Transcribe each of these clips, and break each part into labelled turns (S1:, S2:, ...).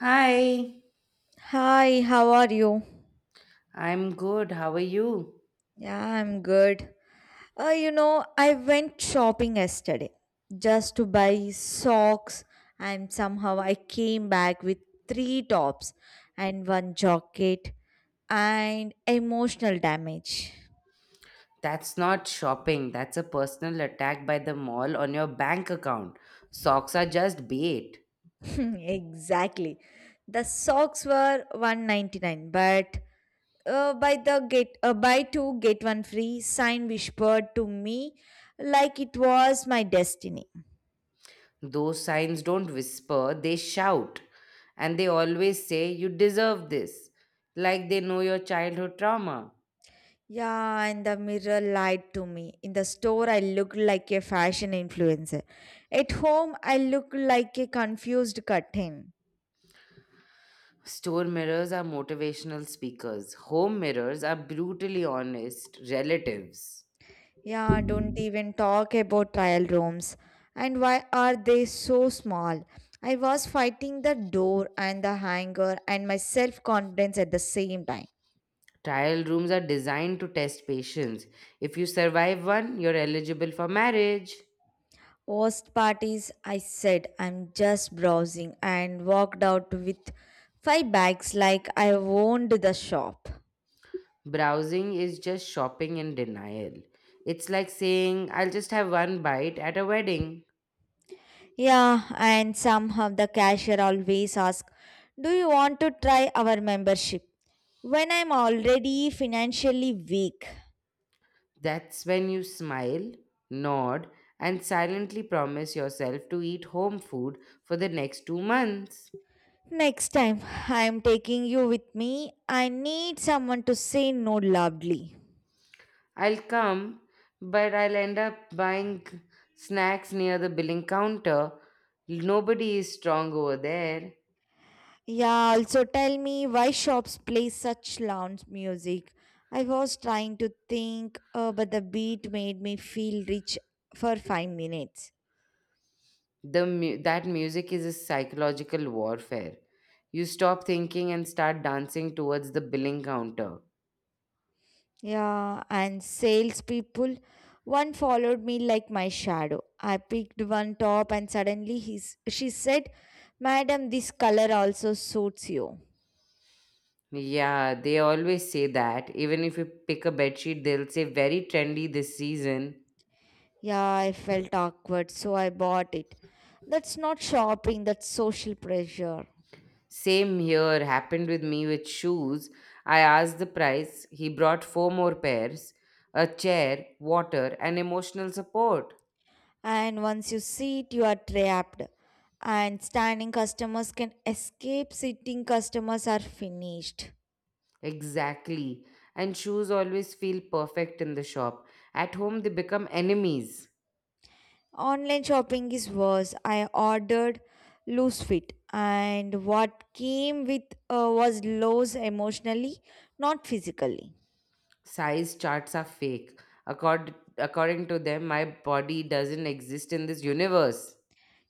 S1: Hi,
S2: Hi, how are you?
S1: I'm good. How are you?
S2: Yeah, I'm good. I went shopping yesterday just to buy socks, and somehow I came back with three tops and one jacket and emotional damage.
S1: That's not shopping. That's a personal attack by the mall on your bank account. Socks are just bait.
S2: Exactly. The socks were 199, but by the get buy two get one free sign whispered to me like it was my destiny.
S1: Those signs don't whisper, they shout. And they always say, You deserve this. Like they know your childhood trauma.
S2: Yeah, and the mirror lied to me. In the store, I looked like a fashion influencer. At home, I look like a confused curtain.
S1: Store mirrors are motivational speakers, home mirrors are brutally honest relatives.
S2: Yeah, don't even talk about trial rooms. And why are they so small? I was fighting the door and the hanger and my self confidence at the same time.
S1: Trial rooms are designed to test patience. If you survive one, you're eligible for marriage.
S2: Worst parties, I said I'm just browsing and walked out with five bags like I owned the shop.
S1: Browsing is just shopping in denial. It's like saying, I'll just have one bite at a wedding.
S2: Yeah, and somehow the cashier always asks, do you want to try our membership? When I'm already financially weak.
S1: That's when you smile, nod, and silently promise yourself to eat home food for the next 2 months.
S2: Next time I'm taking you with me, I need someone to say no loudly.
S1: I'll come, but I'll end up buying snacks near the billing counter. Nobody is strong over there.
S2: Yeah, also tell me why shops play such loud music. I was trying to think, but the beat made me feel rich for 5 minutes.
S1: That music is a psychological warfare. You stop thinking and start dancing towards the billing counter.
S2: Yeah, and salespeople. One followed me like my shadow. I picked one top and suddenly she said, madam, this color also suits you.
S1: Yeah, they always say that. Even if you pick a bedsheet, they'll say very trendy this season.
S2: Yeah, I felt awkward, so I bought it. That's not shopping, that's social pressure.
S1: Same here happened with me with shoes. I asked the price. He brought four more pairs, a chair, water, and emotional support.
S2: And once you see it, you are trapped. And standing customers can escape, sitting customers are finished.
S1: Exactly. And shoes always feel perfect in the shop. At home, they become enemies.
S2: Online shopping is worse. I ordered loose fit, and what came with was lows emotionally, not physically.
S1: Size charts are fake. According to them, my body doesn't exist in this universe.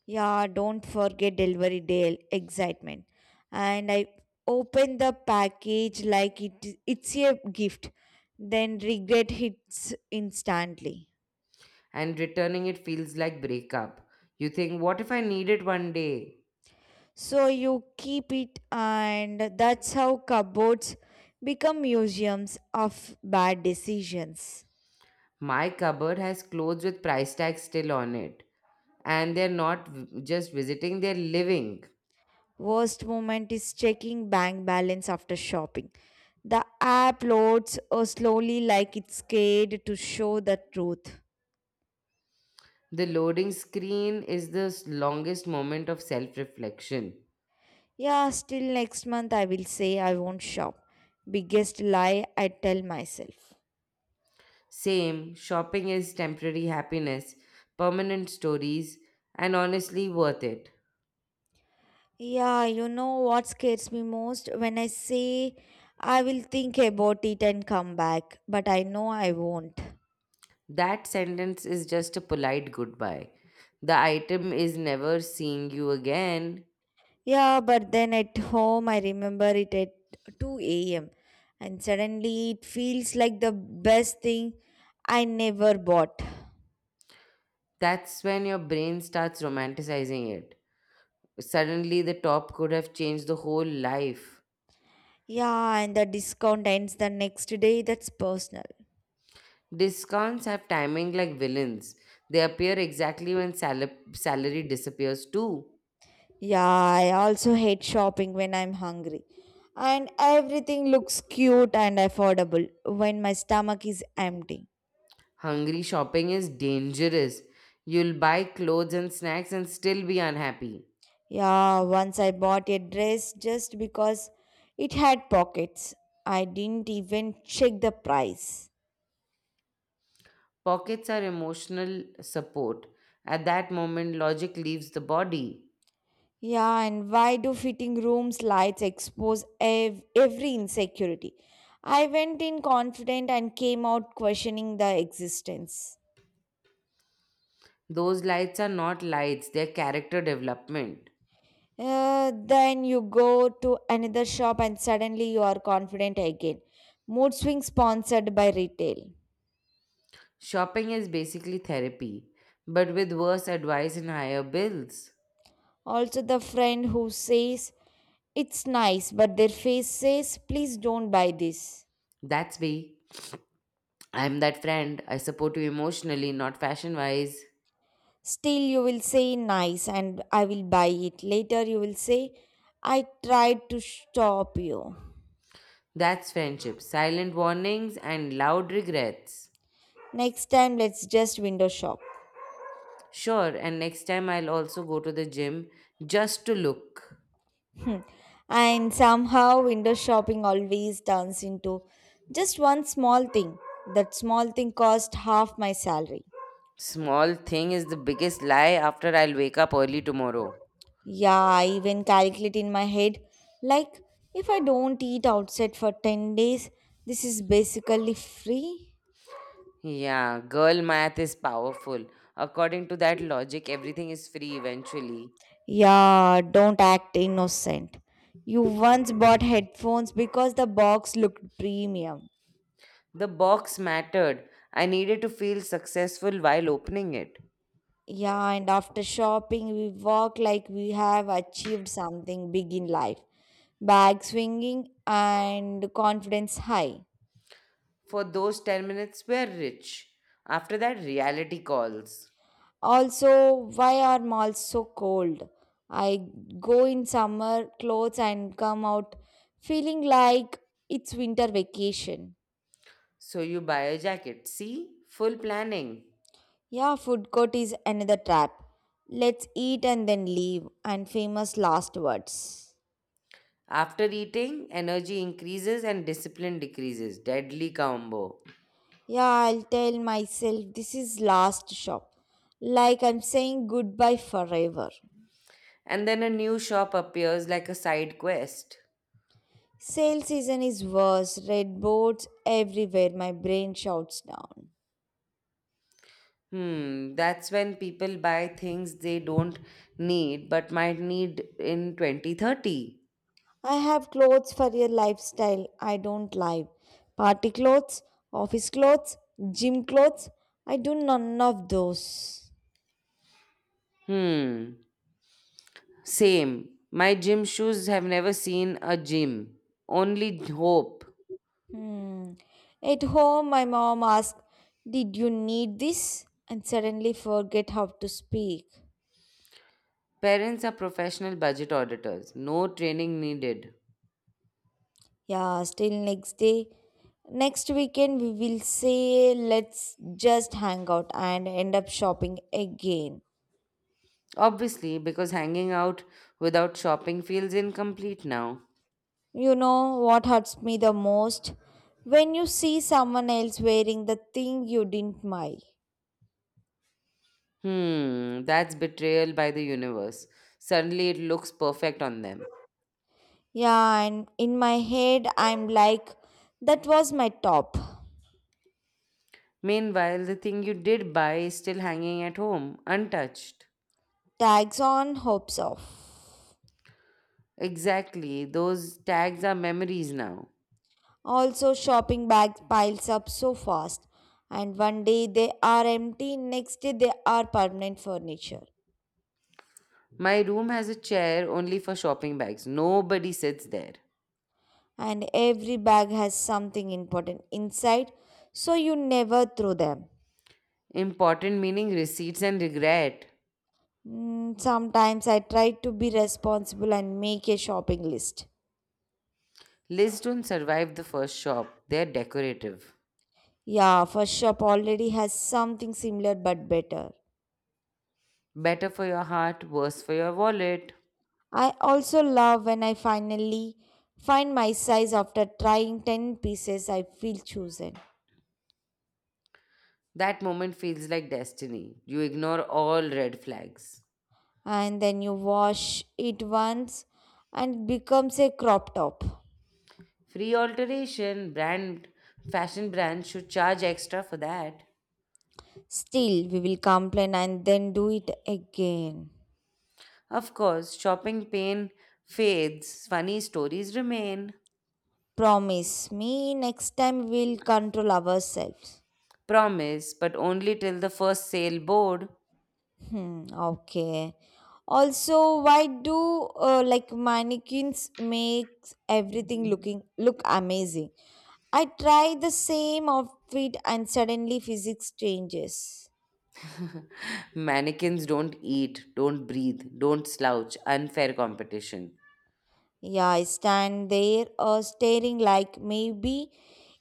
S2: Yeah, don't forget delivery day excitement. And I opened the package like it's a gift, then regret hits instantly.
S1: And returning it feels like breakup. You think, what if I need it one day?
S2: So you keep it, and that's how cupboards become museums of bad decisions.
S1: My cupboard has clothes with price tags still on it, and they're not just visiting, they're living.
S2: Worst moment is checking bank balance after shopping. The app loads slowly like it's scared to show the truth.
S1: The loading screen is the longest moment of self reflection.
S2: Yeah, still next month I will say I won't shop. Biggest lie I tell myself.
S1: Same, shopping is temporary happiness, permanent stories, and honestly worth it.
S2: Yeah, you know what scares me most? When I say I will think about it and come back, but I know I won't.
S1: That sentence is just a polite goodbye. The item is never seeing you again.
S2: Yeah, but then at home, I remember it at 2 a.m. and suddenly it feels like the best thing I never bought.
S1: That's when your brain starts romanticizing it. Suddenly, the top could have changed the whole life.
S2: Yeah, and the discount ends the next day. That's personal.
S1: Discounts have timing like villains, they appear exactly when salary disappears too.
S2: Yeah, I also hate shopping when I'm hungry. And everything looks cute and affordable when my stomach is empty.
S1: Hungry shopping is dangerous. You'll buy clothes and snacks and still be unhappy.
S2: Yeah, once I bought a dress just because it had pockets. I didn't even check the price.
S1: Pockets are emotional support. At that moment, logic leaves the body.
S2: Yeah, and why do fitting rooms lights expose every insecurity? I went in confident and came out questioning the existence.
S1: Those lights are not lights, they're character development.
S2: Then you go to another shop and suddenly you are confident again. Mood swing sponsored by retail.
S1: Shopping is basically therapy, but with worse advice and higher bills.
S2: Also, the friend who says it's nice, but their face says, please don't buy this.
S1: That's me. I'm that friend. I support you emotionally, not fashion wise.
S2: Still, you will say nice and I will buy it. Later, you will say I tried to stop you.
S1: That's friendship. Silent warnings and loud regrets.
S2: Next time, let's just window shop.
S1: Sure, and next time I'll also go to the gym just to look.
S2: Hmm. And somehow, window shopping always turns into just one small thing. That small thing cost half my salary.
S1: Small thing is the biggest lie after I'll wake up early tomorrow.
S2: Yeah, I even calculate in my head like if I don't eat outside for 10 days, this is basically free.
S1: Yeah, girl math is powerful. According to that logic, everything is free eventually.
S2: Yeah, don't act innocent. You once bought headphones because the box looked premium.
S1: The box mattered. I needed to feel successful while opening it.
S2: Yeah, and after shopping, we walk like we have achieved something big in life. Bag swinging and confidence high.
S1: For those 10 minutes were rich. After that, reality calls.
S2: Also, why are malls so cold? I go in summer clothes and come out feeling like it's winter vacation.
S1: So you buy a jacket. See? Full planning.
S2: Yeah, food court is another trap. Let's eat and then leave, and famous last words.
S1: After eating, energy increases and discipline decreases. Deadly combo.
S2: Yeah, I'll tell myself this is last shop. Like I'm saying goodbye forever.
S1: And then a new shop appears like a side quest.
S2: Sale season is worse, red boards everywhere, my brain shouts down.
S1: That's when people buy things they don't need but might need in 2030.
S2: I have clothes for your lifestyle, I don't live. Party clothes, office clothes, gym clothes, I do none of those.
S1: Hmm. Same. My gym shoes have never seen a gym. Only hope.
S2: Hmm. At home, my mom asked, did you need this? And suddenly forget how to speak.
S1: Parents are professional budget auditors. No training needed.
S2: Yeah, still next day. Next weekend, we will say, let's just hang out and end up shopping again.
S1: Obviously, because hanging out without shopping feels incomplete now.
S2: You know what hurts me the most? When you see someone else wearing the thing you didn't buy.
S1: That's betrayal by the universe. Suddenly it looks perfect on them.
S2: Yeah, and in my head, I'm like, that was my top.
S1: Meanwhile, the thing you did buy is still hanging at home, untouched.
S2: Tags on, hopes off.
S1: Exactly, those tags are memories now.
S2: Also, shopping bags piles up so fast, and one day they are empty, next day they are permanent furniture.
S1: My room has a chair only for shopping bags. Nobody sits there.
S2: And every bag has something important inside, so you never throw them.
S1: Important meaning receipts and regret.
S2: Mm, sometimes I try to be responsible and make a shopping list.
S1: Lists don't survive the first shop. They're decorative.
S2: Yeah, first shop already has something similar but better.
S1: Better for your heart, worse for your wallet.
S2: I also love when I finally find my size after trying 10 pieces, I feel chosen.
S1: That moment feels like destiny. You ignore all red flags.
S2: And then you wash it once and it becomes a crop top.
S1: Free alteration, brand, fashion brands should charge extra for that.
S2: Still, we will complain and then do it again.
S1: Of course, shopping pain fades, funny stories remain.
S2: Promise me next time we'll control ourselves.
S1: Promise, but only till the first sale board.
S2: Hmm, okay. Also, why do mannequins makes everything look amazing? I try the same outfit and suddenly physics changes.
S1: Mannequins don't eat, don't breathe, don't slouch. Unfair competition.
S2: Yeah, I stand there staring like maybe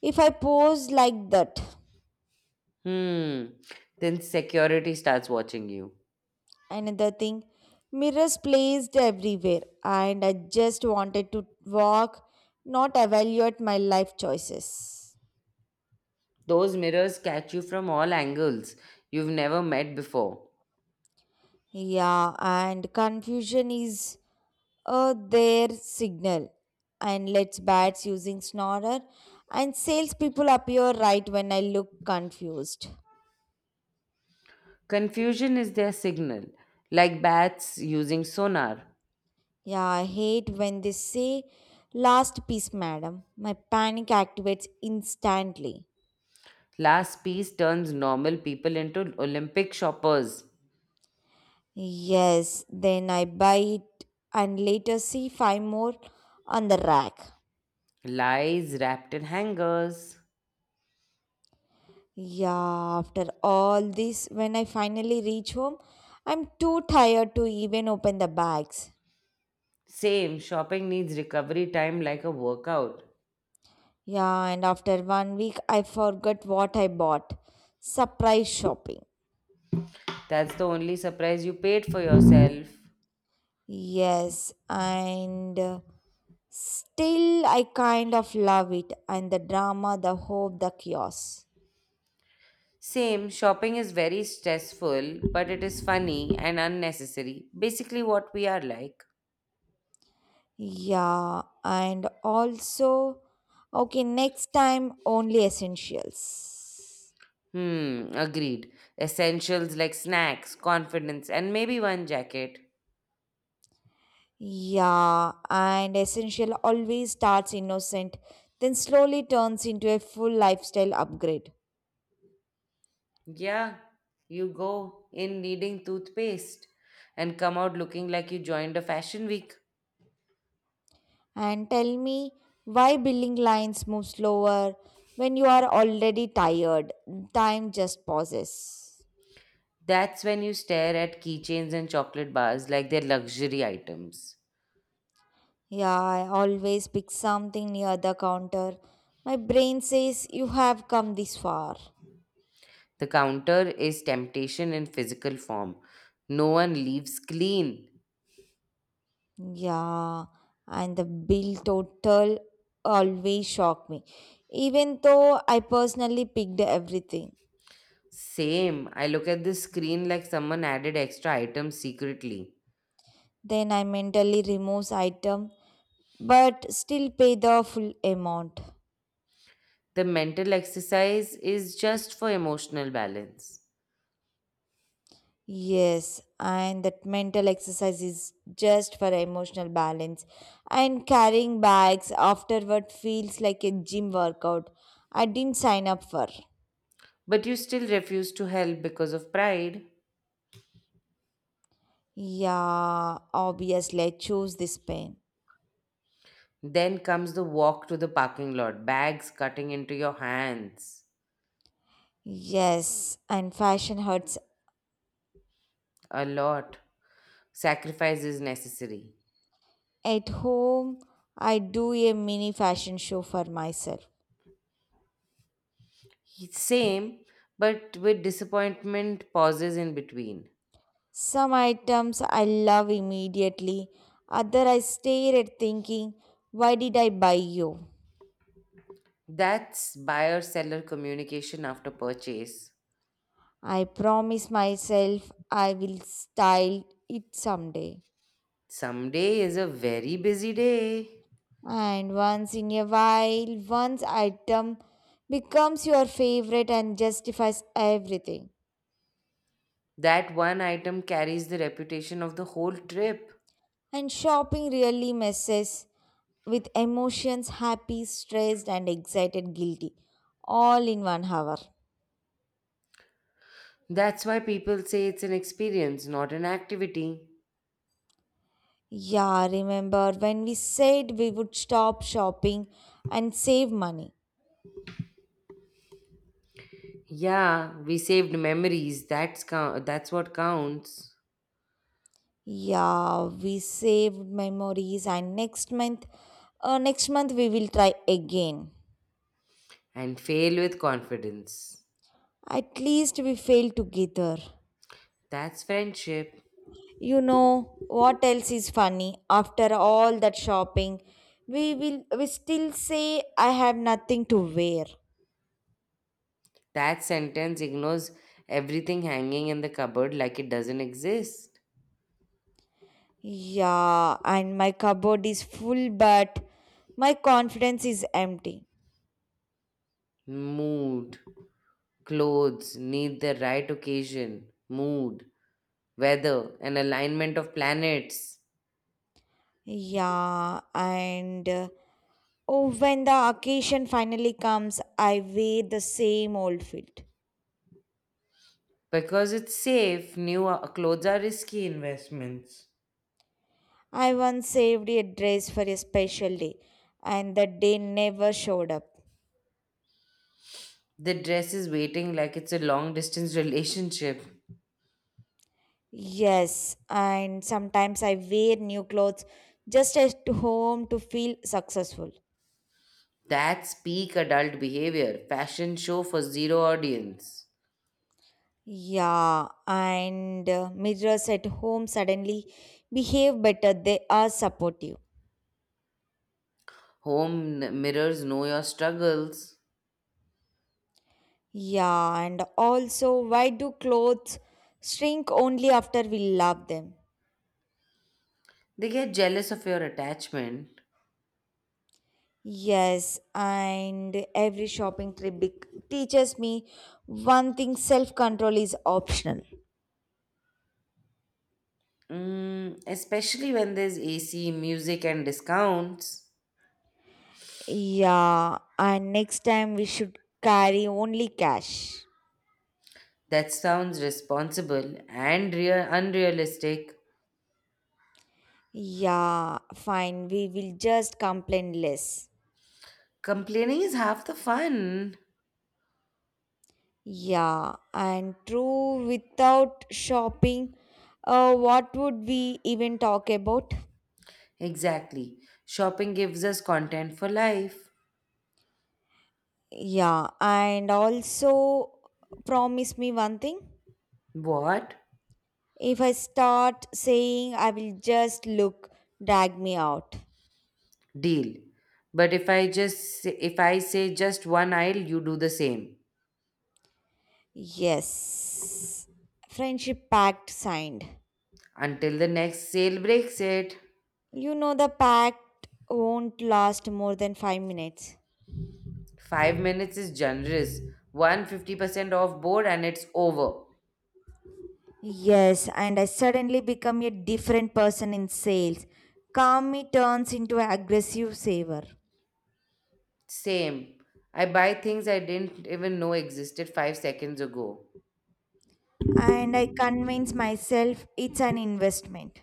S2: if I pose like that.
S1: Hmm. Then security starts watching you.
S2: Another thing, mirrors placed everywhere, and I just wanted to walk, not evaluate my life choices.
S1: Those mirrors catch you from all angles you've never met before.
S2: Yeah, and confusion is their signal. And let's bats using snorer, and salespeople appear right when I look confused.
S1: Confusion is their signal, like bats using sonar.
S2: Yeah, I hate when they say last piece, madam. My panic activates instantly.
S1: Last piece turns normal people into Olympic shoppers.
S2: Yes, then I buy it and later see five more on the rack.
S1: Lies wrapped in hangers.
S2: Yeah, after all this, when I finally reach home, I'm too tired to even open the bags.
S1: Same, shopping needs recovery time like a workout.
S2: Yeah, and after one week, I forgot what I bought. Surprise shopping.
S1: That's the only surprise you paid for yourself.
S2: Yes, and. Still, I kind of love it and the drama, the hope, the chaos.
S1: Same, shopping is very stressful, but it is funny and unnecessary. Basically, what we are like.
S2: Yeah, and also, okay, next time only essentials.
S1: Hmm, agreed. Essentials like snacks, confidence, and maybe one jacket.
S2: Yeah, and essential always starts innocent, then slowly turns into a full lifestyle upgrade.
S1: Yeah, you go in needing toothpaste and come out looking like you joined a fashion week.
S2: And tell me why building lines move slower when you are already tired. Time just pauses.
S1: That's when you stare at keychains and chocolate bars like they're luxury items.
S2: Yeah, I always pick something near the counter. My brain says, you have come this far.
S1: The counter is temptation in physical form. No one leaves clean.
S2: Yeah, and the bill total always shocked me, even though I personally picked everything.
S1: Same. I look at the screen like someone added extra items secretly.
S2: Then I mentally removes item but still pay the full amount.
S1: The mental exercise is just for emotional balance.
S2: Yes, and that mental exercise is just for emotional balance. And carrying bags afterward feels like a gym workout I didn't sign up for.
S1: But you still refuse to help because of pride.
S2: Yeah, obviously, I chose this pain.
S1: Then comes the walk to the parking lot, bags cutting into your hands.
S2: Yes, and fashion hurts.
S1: A lot. Sacrifice is necessary.
S2: At home, I do a mini fashion show for myself.
S1: Same, but with disappointment pauses in between.
S2: Some items I love immediately, other I stare at thinking, why did I buy you?
S1: That's buyer seller communication after purchase.
S2: I promise myself I will style it someday.
S1: Someday is a very busy day.
S2: And once in a while, one's item becomes your favorite and justifies everything.
S1: That one item carries the reputation of the whole trip.
S2: And shopping really messes with emotions happy, stressed, and excited, guilty all in one hour.
S1: That's why people say it's an experience, not an activity.
S2: Yeah, remember when we said we would stop shopping and save money?
S1: Yeah, we saved memories. That's count. That's what counts.
S2: Yeah, we saved memories and next month we will try again.
S1: And fail with confidence.
S2: At least we failed together.
S1: That's friendship.
S2: You know what else is funny? After all that shopping, we still say I have nothing to wear.
S1: That sentence ignores everything hanging in the cupboard like it doesn't exist.
S2: Yeah, and my cupboard is full but my confidence is empty.
S1: Mood. Clothes need the right occasion, mood, weather, an alignment of planets.
S2: Yeah, and Oh, when the occasion finally comes, I wear the same old fit.
S1: Because it's safe, new clothes are risky investments.
S2: I once saved a dress for a special day, and the day never showed up.
S1: The dress is waiting like it's a long distance relationship.
S2: Yes, and sometimes I wear new clothes just at home to feel successful.
S1: That's peak adult behavior. Fashion show for zero audience.
S2: Yeah, and Mirrors at home suddenly behave better, they are supportive.
S1: Home mirrors know your struggles.
S2: Yeah, and also, why do clothes shrink only after we love them?
S1: They get jealous of your attachment.
S2: Yes, and every shopping trip teaches me one thing self control is optional.
S1: Especially when there's AC, music, and discounts.
S2: Yeah, and next time we should carry only cash.
S1: That sounds responsible and real unrealistic.
S2: Yeah, fine, we will just complain less.
S1: Complaining is half the fun.
S2: Without shopping, what would we even talk about?
S1: Exactly. Shopping gives us content for life.
S2: Yeah, and also promise me one thing.
S1: What?
S2: If I start saying I will just look, drag me out.
S1: Deal. But if I say just one aisle, you do the same
S2: Yes. Friendship pact signed.
S1: until the next sale breaks it.
S2: You know the pact won't last more than 5 minutes.
S1: 5 minutes is generous. one 50% off board and it's over.
S2: Yes, and I suddenly become a different person in sales. Calm me turns into an aggressive saver.
S1: Same. I buy things I didn't even know existed 5 seconds ago.
S2: And I convince myself it's an investment.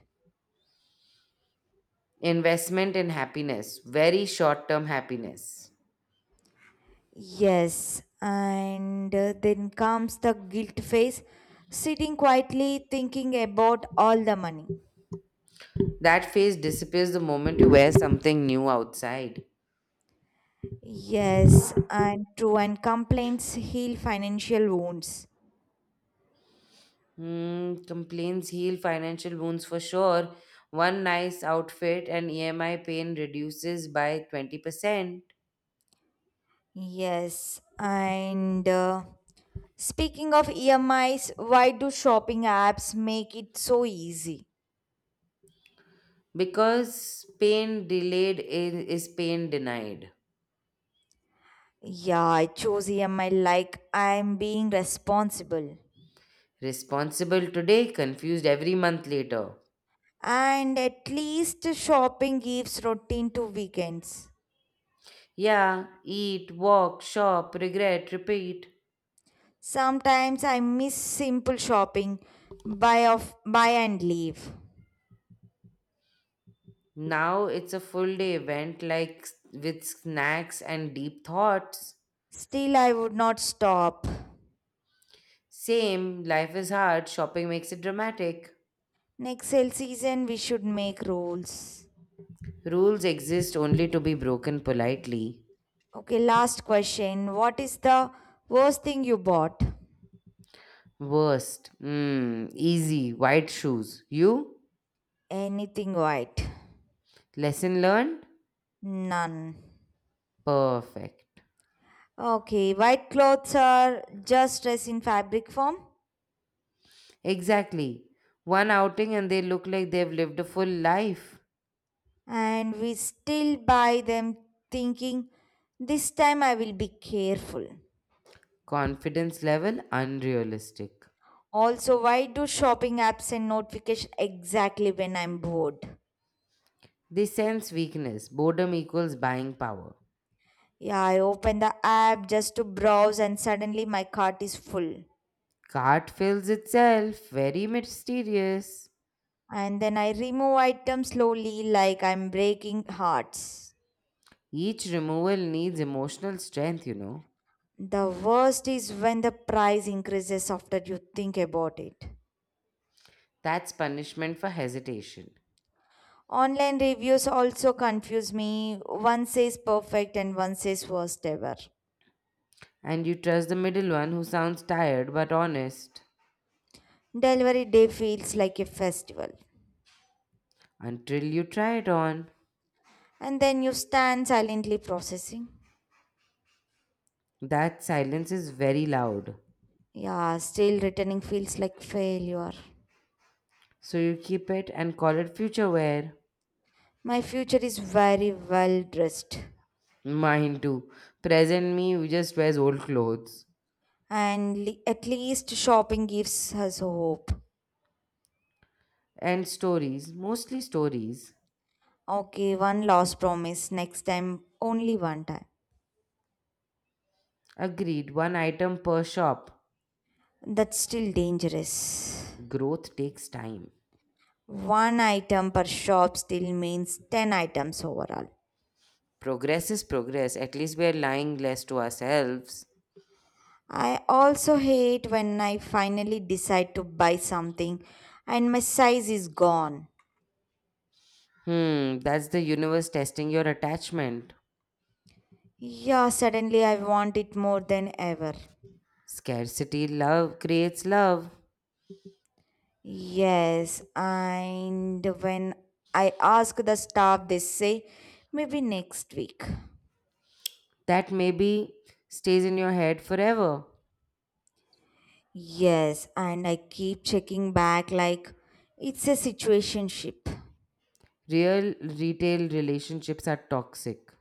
S1: Investment in happiness, very short term happiness.
S2: Yes, and Then comes the guilt phase, sitting quietly thinking about all the money.
S1: That phase disappears the moment you wear something new outside.
S2: Yes, and true, and complaints heal financial wounds.
S1: Complaints heal financial wounds for sure. One nice outfit and EMI pain reduces by 20%
S2: Yes, and Speaking of EMIs, why do shopping apps make it so easy?
S1: because pain delayed is pain denied.
S2: Yeah, I chose EMI like I'm being responsible.
S1: Responsible today, confused every month later.
S2: And at least shopping gives routine to weekends.
S1: Yeah, eat, walk, shop, regret, repeat.
S2: Sometimes I miss simple shopping, buy off buy and leave.
S1: Now it's a full day event like with snacks and deep thoughts.
S2: Still I would not stop.
S1: Same, life is hard, shopping makes it dramatic.
S2: Next sale season we should make rules.
S1: Rules exist only to be broken politely.
S2: Okay, last question. What is the worst thing you bought?
S1: Worst. Easy, white shoes. You?
S2: Anything white.
S1: Lesson learned?
S2: None.
S1: Perfect.
S2: Okay, white clothes are just dress in fabric form
S1: Exactly. One outing and they look like they've lived a full life.
S2: and we still buy them thinking this time I will be careful.
S1: Confidence level unrealistic.
S2: Also, why do shopping apps send notification exactly when I'm bored?
S1: They sense weakness. Boredom equals buying power.
S2: Yeah, I open the app just to browse and suddenly my cart is full.
S1: Cart fills itself. Very mysterious.
S2: And then I remove items slowly like I'm breaking hearts.
S1: Each removal needs emotional strength, you know.
S2: The worst is when the price increases after you think about it.
S1: That's punishment for hesitation.
S2: Online reviews also confuse me. One says perfect and one says worst ever.
S1: And you trust the middle one who sounds tired but honest
S2: Delivery day feels like a festival.
S1: until you try it on.
S2: And then you stand silently processing.
S1: That silence is very loud.
S2: Yeah, still returning feels like failure.
S1: So you keep it and call it future wear.
S2: My future is very well dressed,
S1: Mine too. Present me just wears old clothes
S2: and at least shopping gives us hope.
S1: and stories, mostly stories.
S2: Okay, one last promise next time, only one time.
S1: Agreed, one item per shop.
S2: That's still dangerous.
S1: Growth takes time.
S2: One item per shop still means 10 items overall.
S1: Progress is progress. At least we are lying less to ourselves.
S2: I also hate when I finally decide to buy something and my size is gone.
S1: That's the universe testing your attachment.
S2: Yeah, suddenly I want it more than ever.
S1: Scarcity love creates love.
S2: Yes, and when I ask the staff, they say maybe next week.
S1: That maybe stays in your head forever.
S2: Yes, and I keep checking back like it's a situationship.
S1: Real retail relationships are toxic.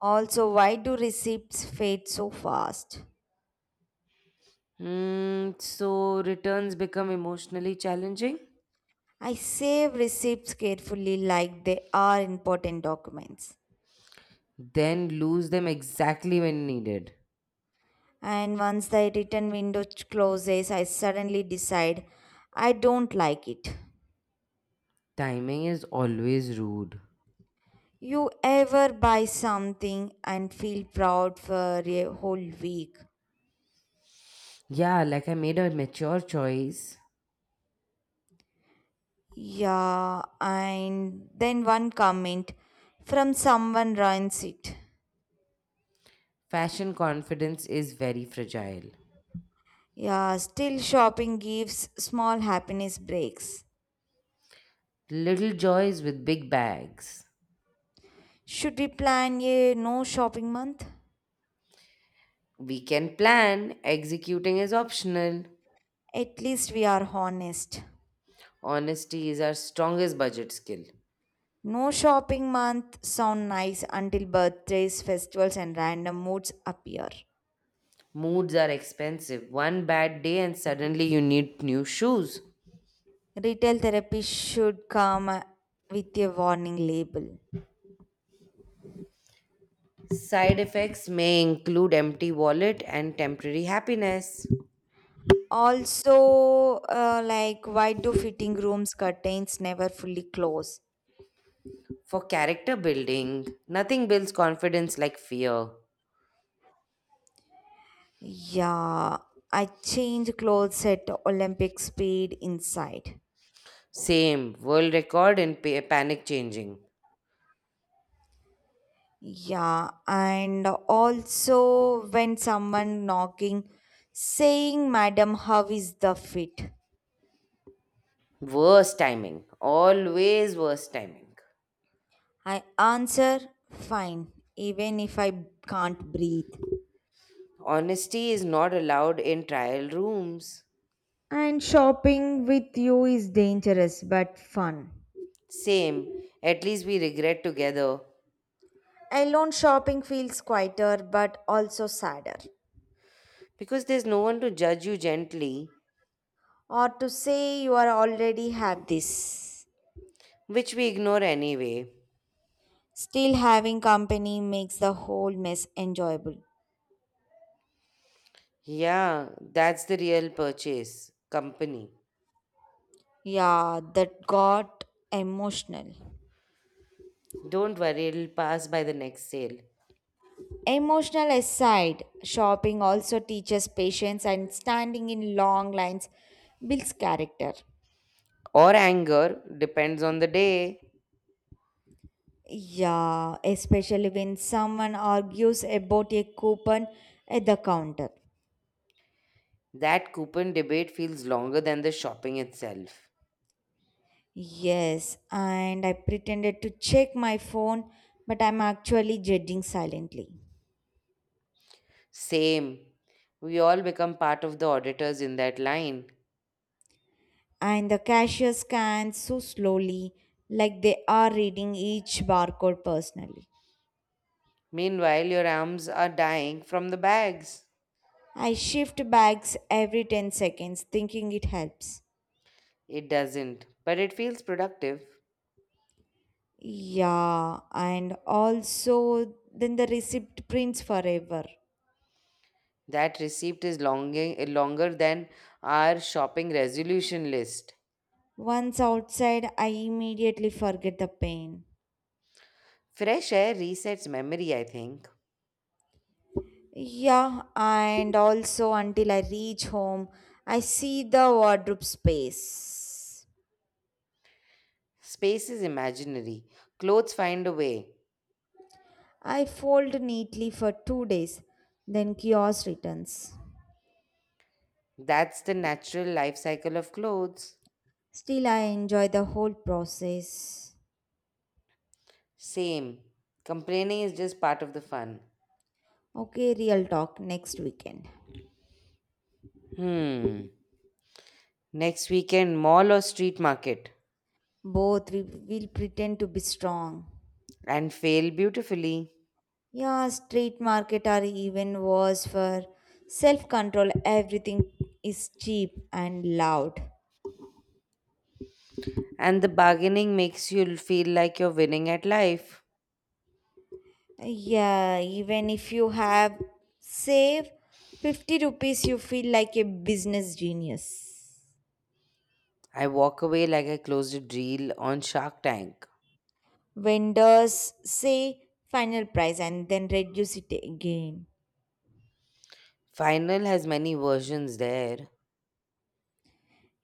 S2: Also, why do receipts fade so fast?
S1: So returns become emotionally challenging?
S2: I save receipts carefully like they are important documents.
S1: Then lose them exactly when needed.
S2: And once the return window closes, I suddenly decide I don't like it.
S1: Timing is always rude.
S2: You ever buy something and feel proud for a whole week?
S1: Yeah, like I made a mature choice.
S2: Yeah, and then one comment from someone ruins it.
S1: Fashion confidence is very fragile.
S2: Yeah, still shopping gives small happiness breaks.
S1: Little joys with big bags.
S2: Should we plan a no shopping month?
S1: We can plan, executing is optional.
S2: At least we are honest.
S1: Honesty is our strongest budget skill.
S2: No shopping month sound nice until birthdays, festivals and random moods appear.
S1: Moods are expensive. One bad day, and suddenly you need new shoes.
S2: Retail therapy should come with a warning label.
S1: Side effects may include empty wallet and temporary happiness.
S2: Also, why do fitting rooms curtains never fully close?
S1: For character building, nothing builds confidence like fear.
S2: Yeah, I change clothes at Olympic speed inside.
S1: Same, world record in panic changing.
S2: Yeah, and also when someone knocking saying, Madam, how is the fit?
S1: Worst timing, always worst timing.
S2: I answer, fine, even if I can't breathe.
S1: Honesty is not allowed in trial rooms.
S2: And shopping with you is dangerous but fun.
S1: Same, at least we regret together
S2: Alone shopping feels quieter but also sadder.
S1: because there's no one to judge you gently,
S2: Or to say you are already have this.
S1: which we ignore anyway.
S2: Still having company makes the whole mess enjoyable.
S1: Yeah, that's the real purchase company.
S2: Yeah, that got emotional.
S1: Don't worry, it'll pass by the next sale.
S2: Emotional aside, shopping also teaches patience and standing in long lines builds character.
S1: Or anger, depends on the day.
S2: Yeah, especially when someone argues about a coupon at the counter.
S1: That coupon debate feels longer than the shopping itself.
S2: Yes, and I pretended to check my phone, but I'm actually judging silently.
S1: Same. We all become part of the auditors in that line.
S2: And the cashier scans so slowly, like they are reading each barcode personally.
S1: Meanwhile, your arms are dying from the bags.
S2: I shift bags every 10 seconds, thinking it helps.
S1: It doesn't, but it feels productive.
S2: Yeah, and also then the receipt prints forever.
S1: That receipt is longing, longer than our shopping resolution list.
S2: Once outside, I immediately forget the pain.
S1: Fresh air resets memory, I think.
S2: Yeah, and also until I reach home, I see the wardrobe space.
S1: Space is imaginary. Clothes find a way.
S2: I fold neatly for 2 days, then chaos returns.
S1: That's the natural life cycle of clothes.
S2: Still, I enjoy the whole process.
S1: Same. Complaining is just part of the fun.
S2: Okay, real talk next weekend.
S1: Hmm. Next weekend, mall or street market,
S2: Both we will pretend to be strong.
S1: and fail beautifully.
S2: Yeah, street market are even worse for self control. Everything is cheap and loud.
S1: And the bargaining makes you feel like you're winning at life.
S2: Yeah, even if you have save 50 rupees, you feel like a business genius.
S1: I walk away like I closed a deal on Shark Tank.
S2: Vendors say final price and then reduce it again.
S1: Final has many versions there.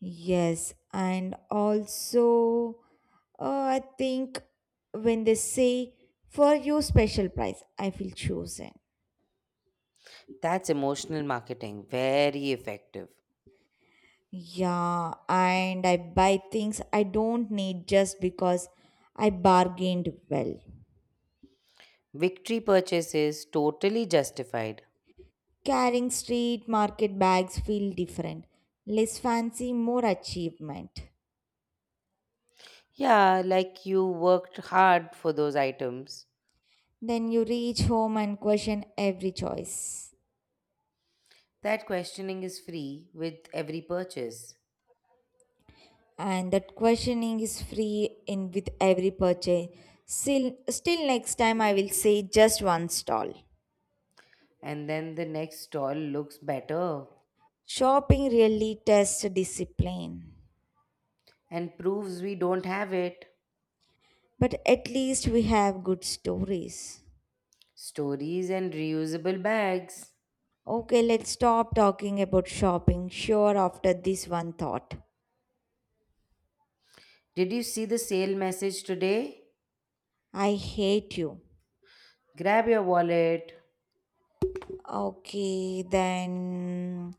S2: Yes, and also, I think when they say for you special price, I feel chosen.
S1: That's emotional marketing, very effective.
S2: Yeah, and I buy things I don't need just because I bargained well.
S1: Victory purchases totally justified.
S2: Carrying street market bags feel different. Less fancy, more achievement.
S1: Yeah, like you worked hard for those items.
S2: Then you reach home and question every choice.
S1: That questioning is free with every purchase.
S2: And that questioning is free in with every purchase. Still, next time I will say just one stall.
S1: And then the next stall looks better.
S2: Shopping really tests discipline.
S1: And proves we don't have it.
S2: But at least we have good stories.
S1: Stories and reusable bags.
S2: Okay, let's stop talking about shopping. Sure, after this one thought.
S1: Did you see the sale message today?
S2: I hate you.
S1: Grab your wallet.
S2: Okay, then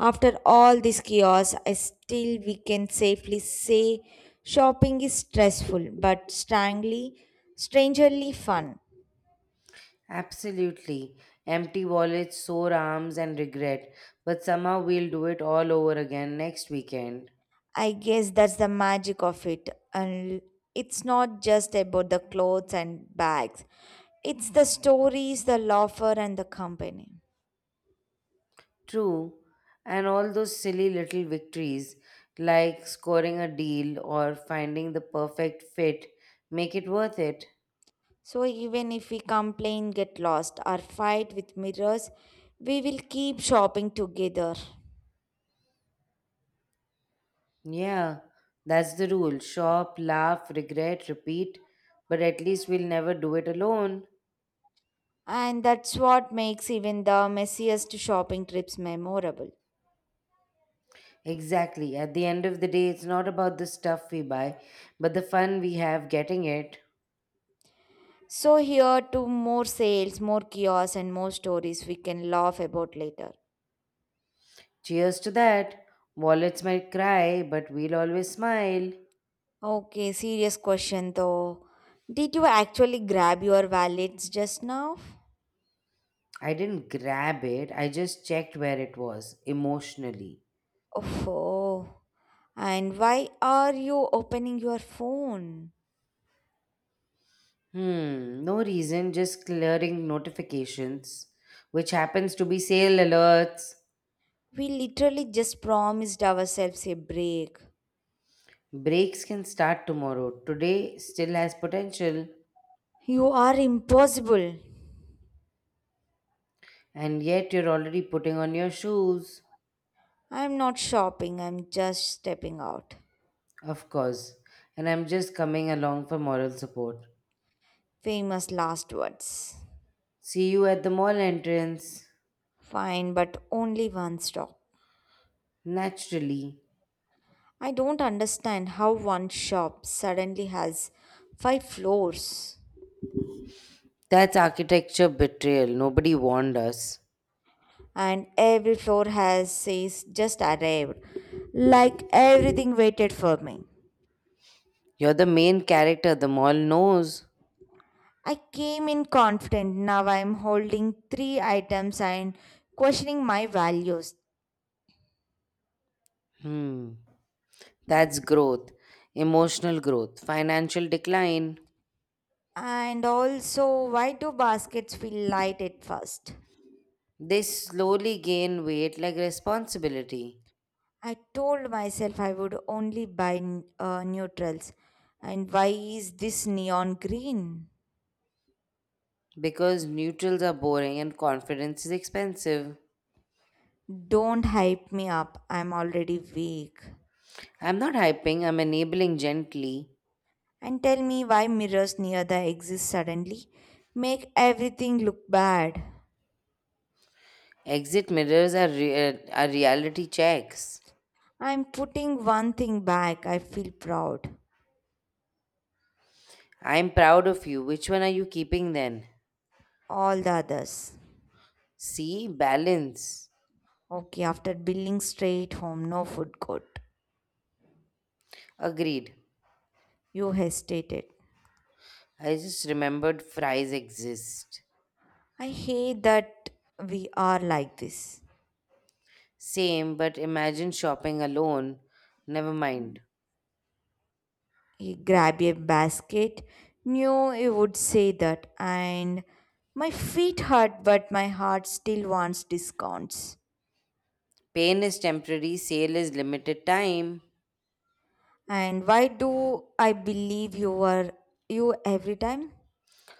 S2: after all this chaos, I still we can safely say shopping is stressful but strangely fun.
S1: Absolutely. Empty wallets, sore arms, and regret. But somehow we'll do it all over again next weekend.
S2: I guess that's the magic of it. And it's not just about the clothes and bags. It's the stories, the laughter and the company.
S1: True. And all those silly little victories, like scoring a deal or finding the perfect fit, make it worth it.
S2: So even if we complain, get lost, or fight with mirrors, we will keep shopping together.
S1: Yeah, that's the rule. Shop, laugh, regret, repeat. But at least we'll never do it alone.
S2: And that's what makes even the messiest shopping trips memorable.
S1: Exactly. At the end of the day, it's not about the stuff we buy, but the fun we have getting it.
S2: So here to more sales, more kiosks, and more stories we can laugh about later.
S1: Cheers to that. Wallets might cry, but we'll always smile.
S2: Okay, serious question though. Did you actually grab your wallets just now?
S1: I didn't grab it, I just checked where it was emotionally.
S2: Oh, and why are you opening your phone?
S1: No reason, just clearing notifications, which happens to be sale alerts.
S2: We literally just promised ourselves a break.
S1: Breaks can start tomorrow. Today still has potential,
S2: You are impossible.
S1: and yet you're already putting on your shoes.
S2: I'm not shopping, I'm just stepping out.
S1: Of course. And I'm just coming along for moral support.
S2: Famous last words.
S1: See you at the mall entrance.
S2: Fine, but only one stop.
S1: Naturally.
S2: I don't understand how one shop suddenly has 5 floors
S1: That's architecture betrayal. Nobody warned us.
S2: and every floor has says just arrived like everything waited for me.
S1: You're the main character. The mall knows.
S2: I came in confident. Now I'm holding 3 items and questioning my values.
S1: Hmm. That's growth. Emotional growth. Financial decline.
S2: And also, why do baskets feel light at first?
S1: They slowly gain weight like responsibility.
S2: I told myself I would only buy neutrals. And why is this neon green?
S1: Because neutrals are boring and confidence is expensive.
S2: Don't hype me up. I'm already weak.
S1: I'm not hyping, I'm enabling gently.
S2: And tell me why mirrors near the exit suddenly make everything look bad.
S1: Exit mirrors are reality checks.
S2: I'm putting one thing back. I feel proud.
S1: I'm proud of you. Which one are you keeping then?
S2: All the others.
S1: See, balance.
S2: Okay, after billing straight home, no food court.
S1: Agreed.
S2: You hesitated.
S1: I just remembered fries exist.
S2: I hate that we are like this.
S1: Same, but imagine shopping alone. Never mind.
S2: He grabbed a basket, knew you would say that, and my feet hurt, but my heart still wants discounts.
S1: Pain is temporary, sale is limited time.
S2: And why do I believe you are you every time?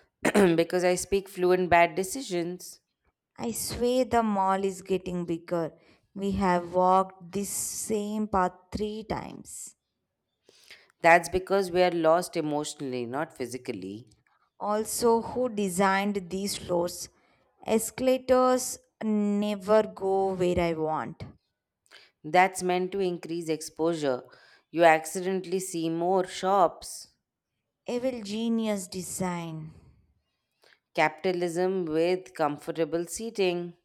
S1: because I speak fluent bad decisions.
S2: I swear the mall is getting bigger. We have walked this same path 3 times.
S1: That's because we are lost emotionally, not physically.
S2: Also, who designed these floors? Escalators never go where I want.
S1: That's meant to increase exposure. You accidentally see more shops.
S2: Evil genius design.
S1: Capitalism with comfortable seating.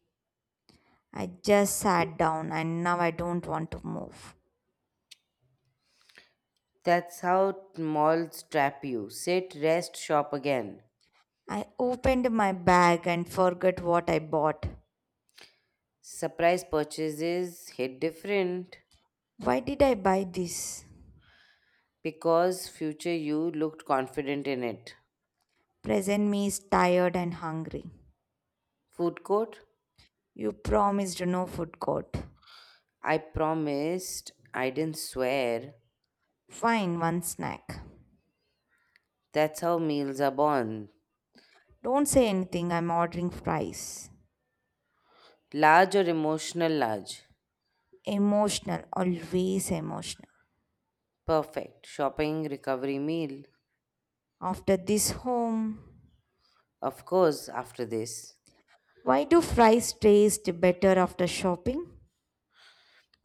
S2: I just sat down and now I don't want to move.
S1: That's how malls trap you. Sit, rest, shop again.
S2: I opened my bag and forgot what I bought.
S1: Surprise purchases hit different
S2: Why did I buy this?
S1: because future you looked confident in it.
S2: Present me is tired and hungry.
S1: Food court?
S2: You promised no food court.
S1: I promised, I didn't swear.
S2: Fine, one snack.
S1: That's how meals are born.
S2: Don't say anything, I'm ordering fries.
S1: Large or emotional large?
S2: Emotional, always emotional.
S1: Perfect. Shopping, recovery meal.
S2: After this home,
S1: Of course, after this.
S2: why do fries taste better after shopping?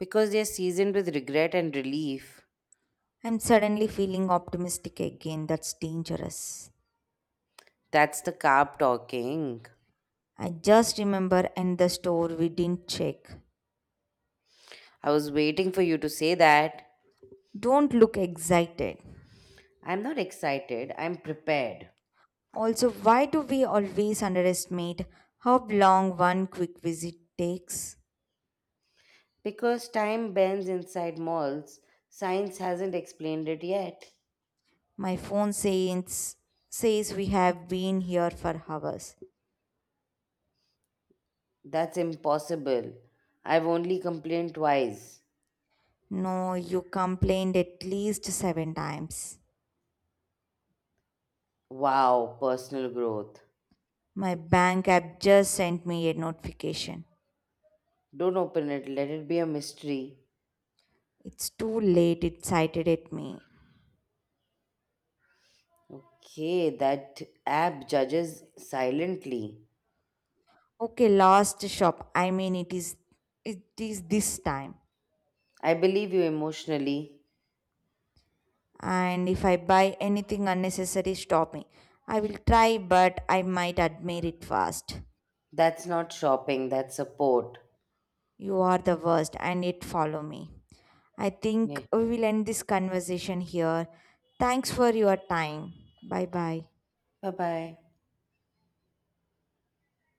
S1: Because they're seasoned with regret and relief.
S2: I'm suddenly feeling optimistic again. That's dangerous.
S1: That's the carb talking.
S2: I just remember and the store we didn't check.
S1: I was waiting for you to say that.
S2: Don't look excited.
S1: I'm not excited, I'm prepared.
S2: Also, why do we always underestimate how long one quick visit takes?
S1: Because time bends inside malls, science hasn't explained it yet.
S2: My phone says we have been here for hours.
S1: That's impossible. I've only complained twice.
S2: No, you complained at least 7 times.
S1: Wow, personal growth.
S2: My bank app just sent me a notification.
S1: Don't open it, let it be a mystery.
S2: It's too late, it cited at me.
S1: Okay, that app judges silently.
S2: Okay, last shop. I mean it is this time.
S1: I believe you emotionally.
S2: And if I buy anything unnecessary, stop me. I will try, but I might admit it fast.
S1: That's not shopping, that's support.
S2: You are the worst and it follow me. I think
S1: Yeah.
S2: we will end this conversation here. Thanks for your time. Bye bye.
S1: Bye bye.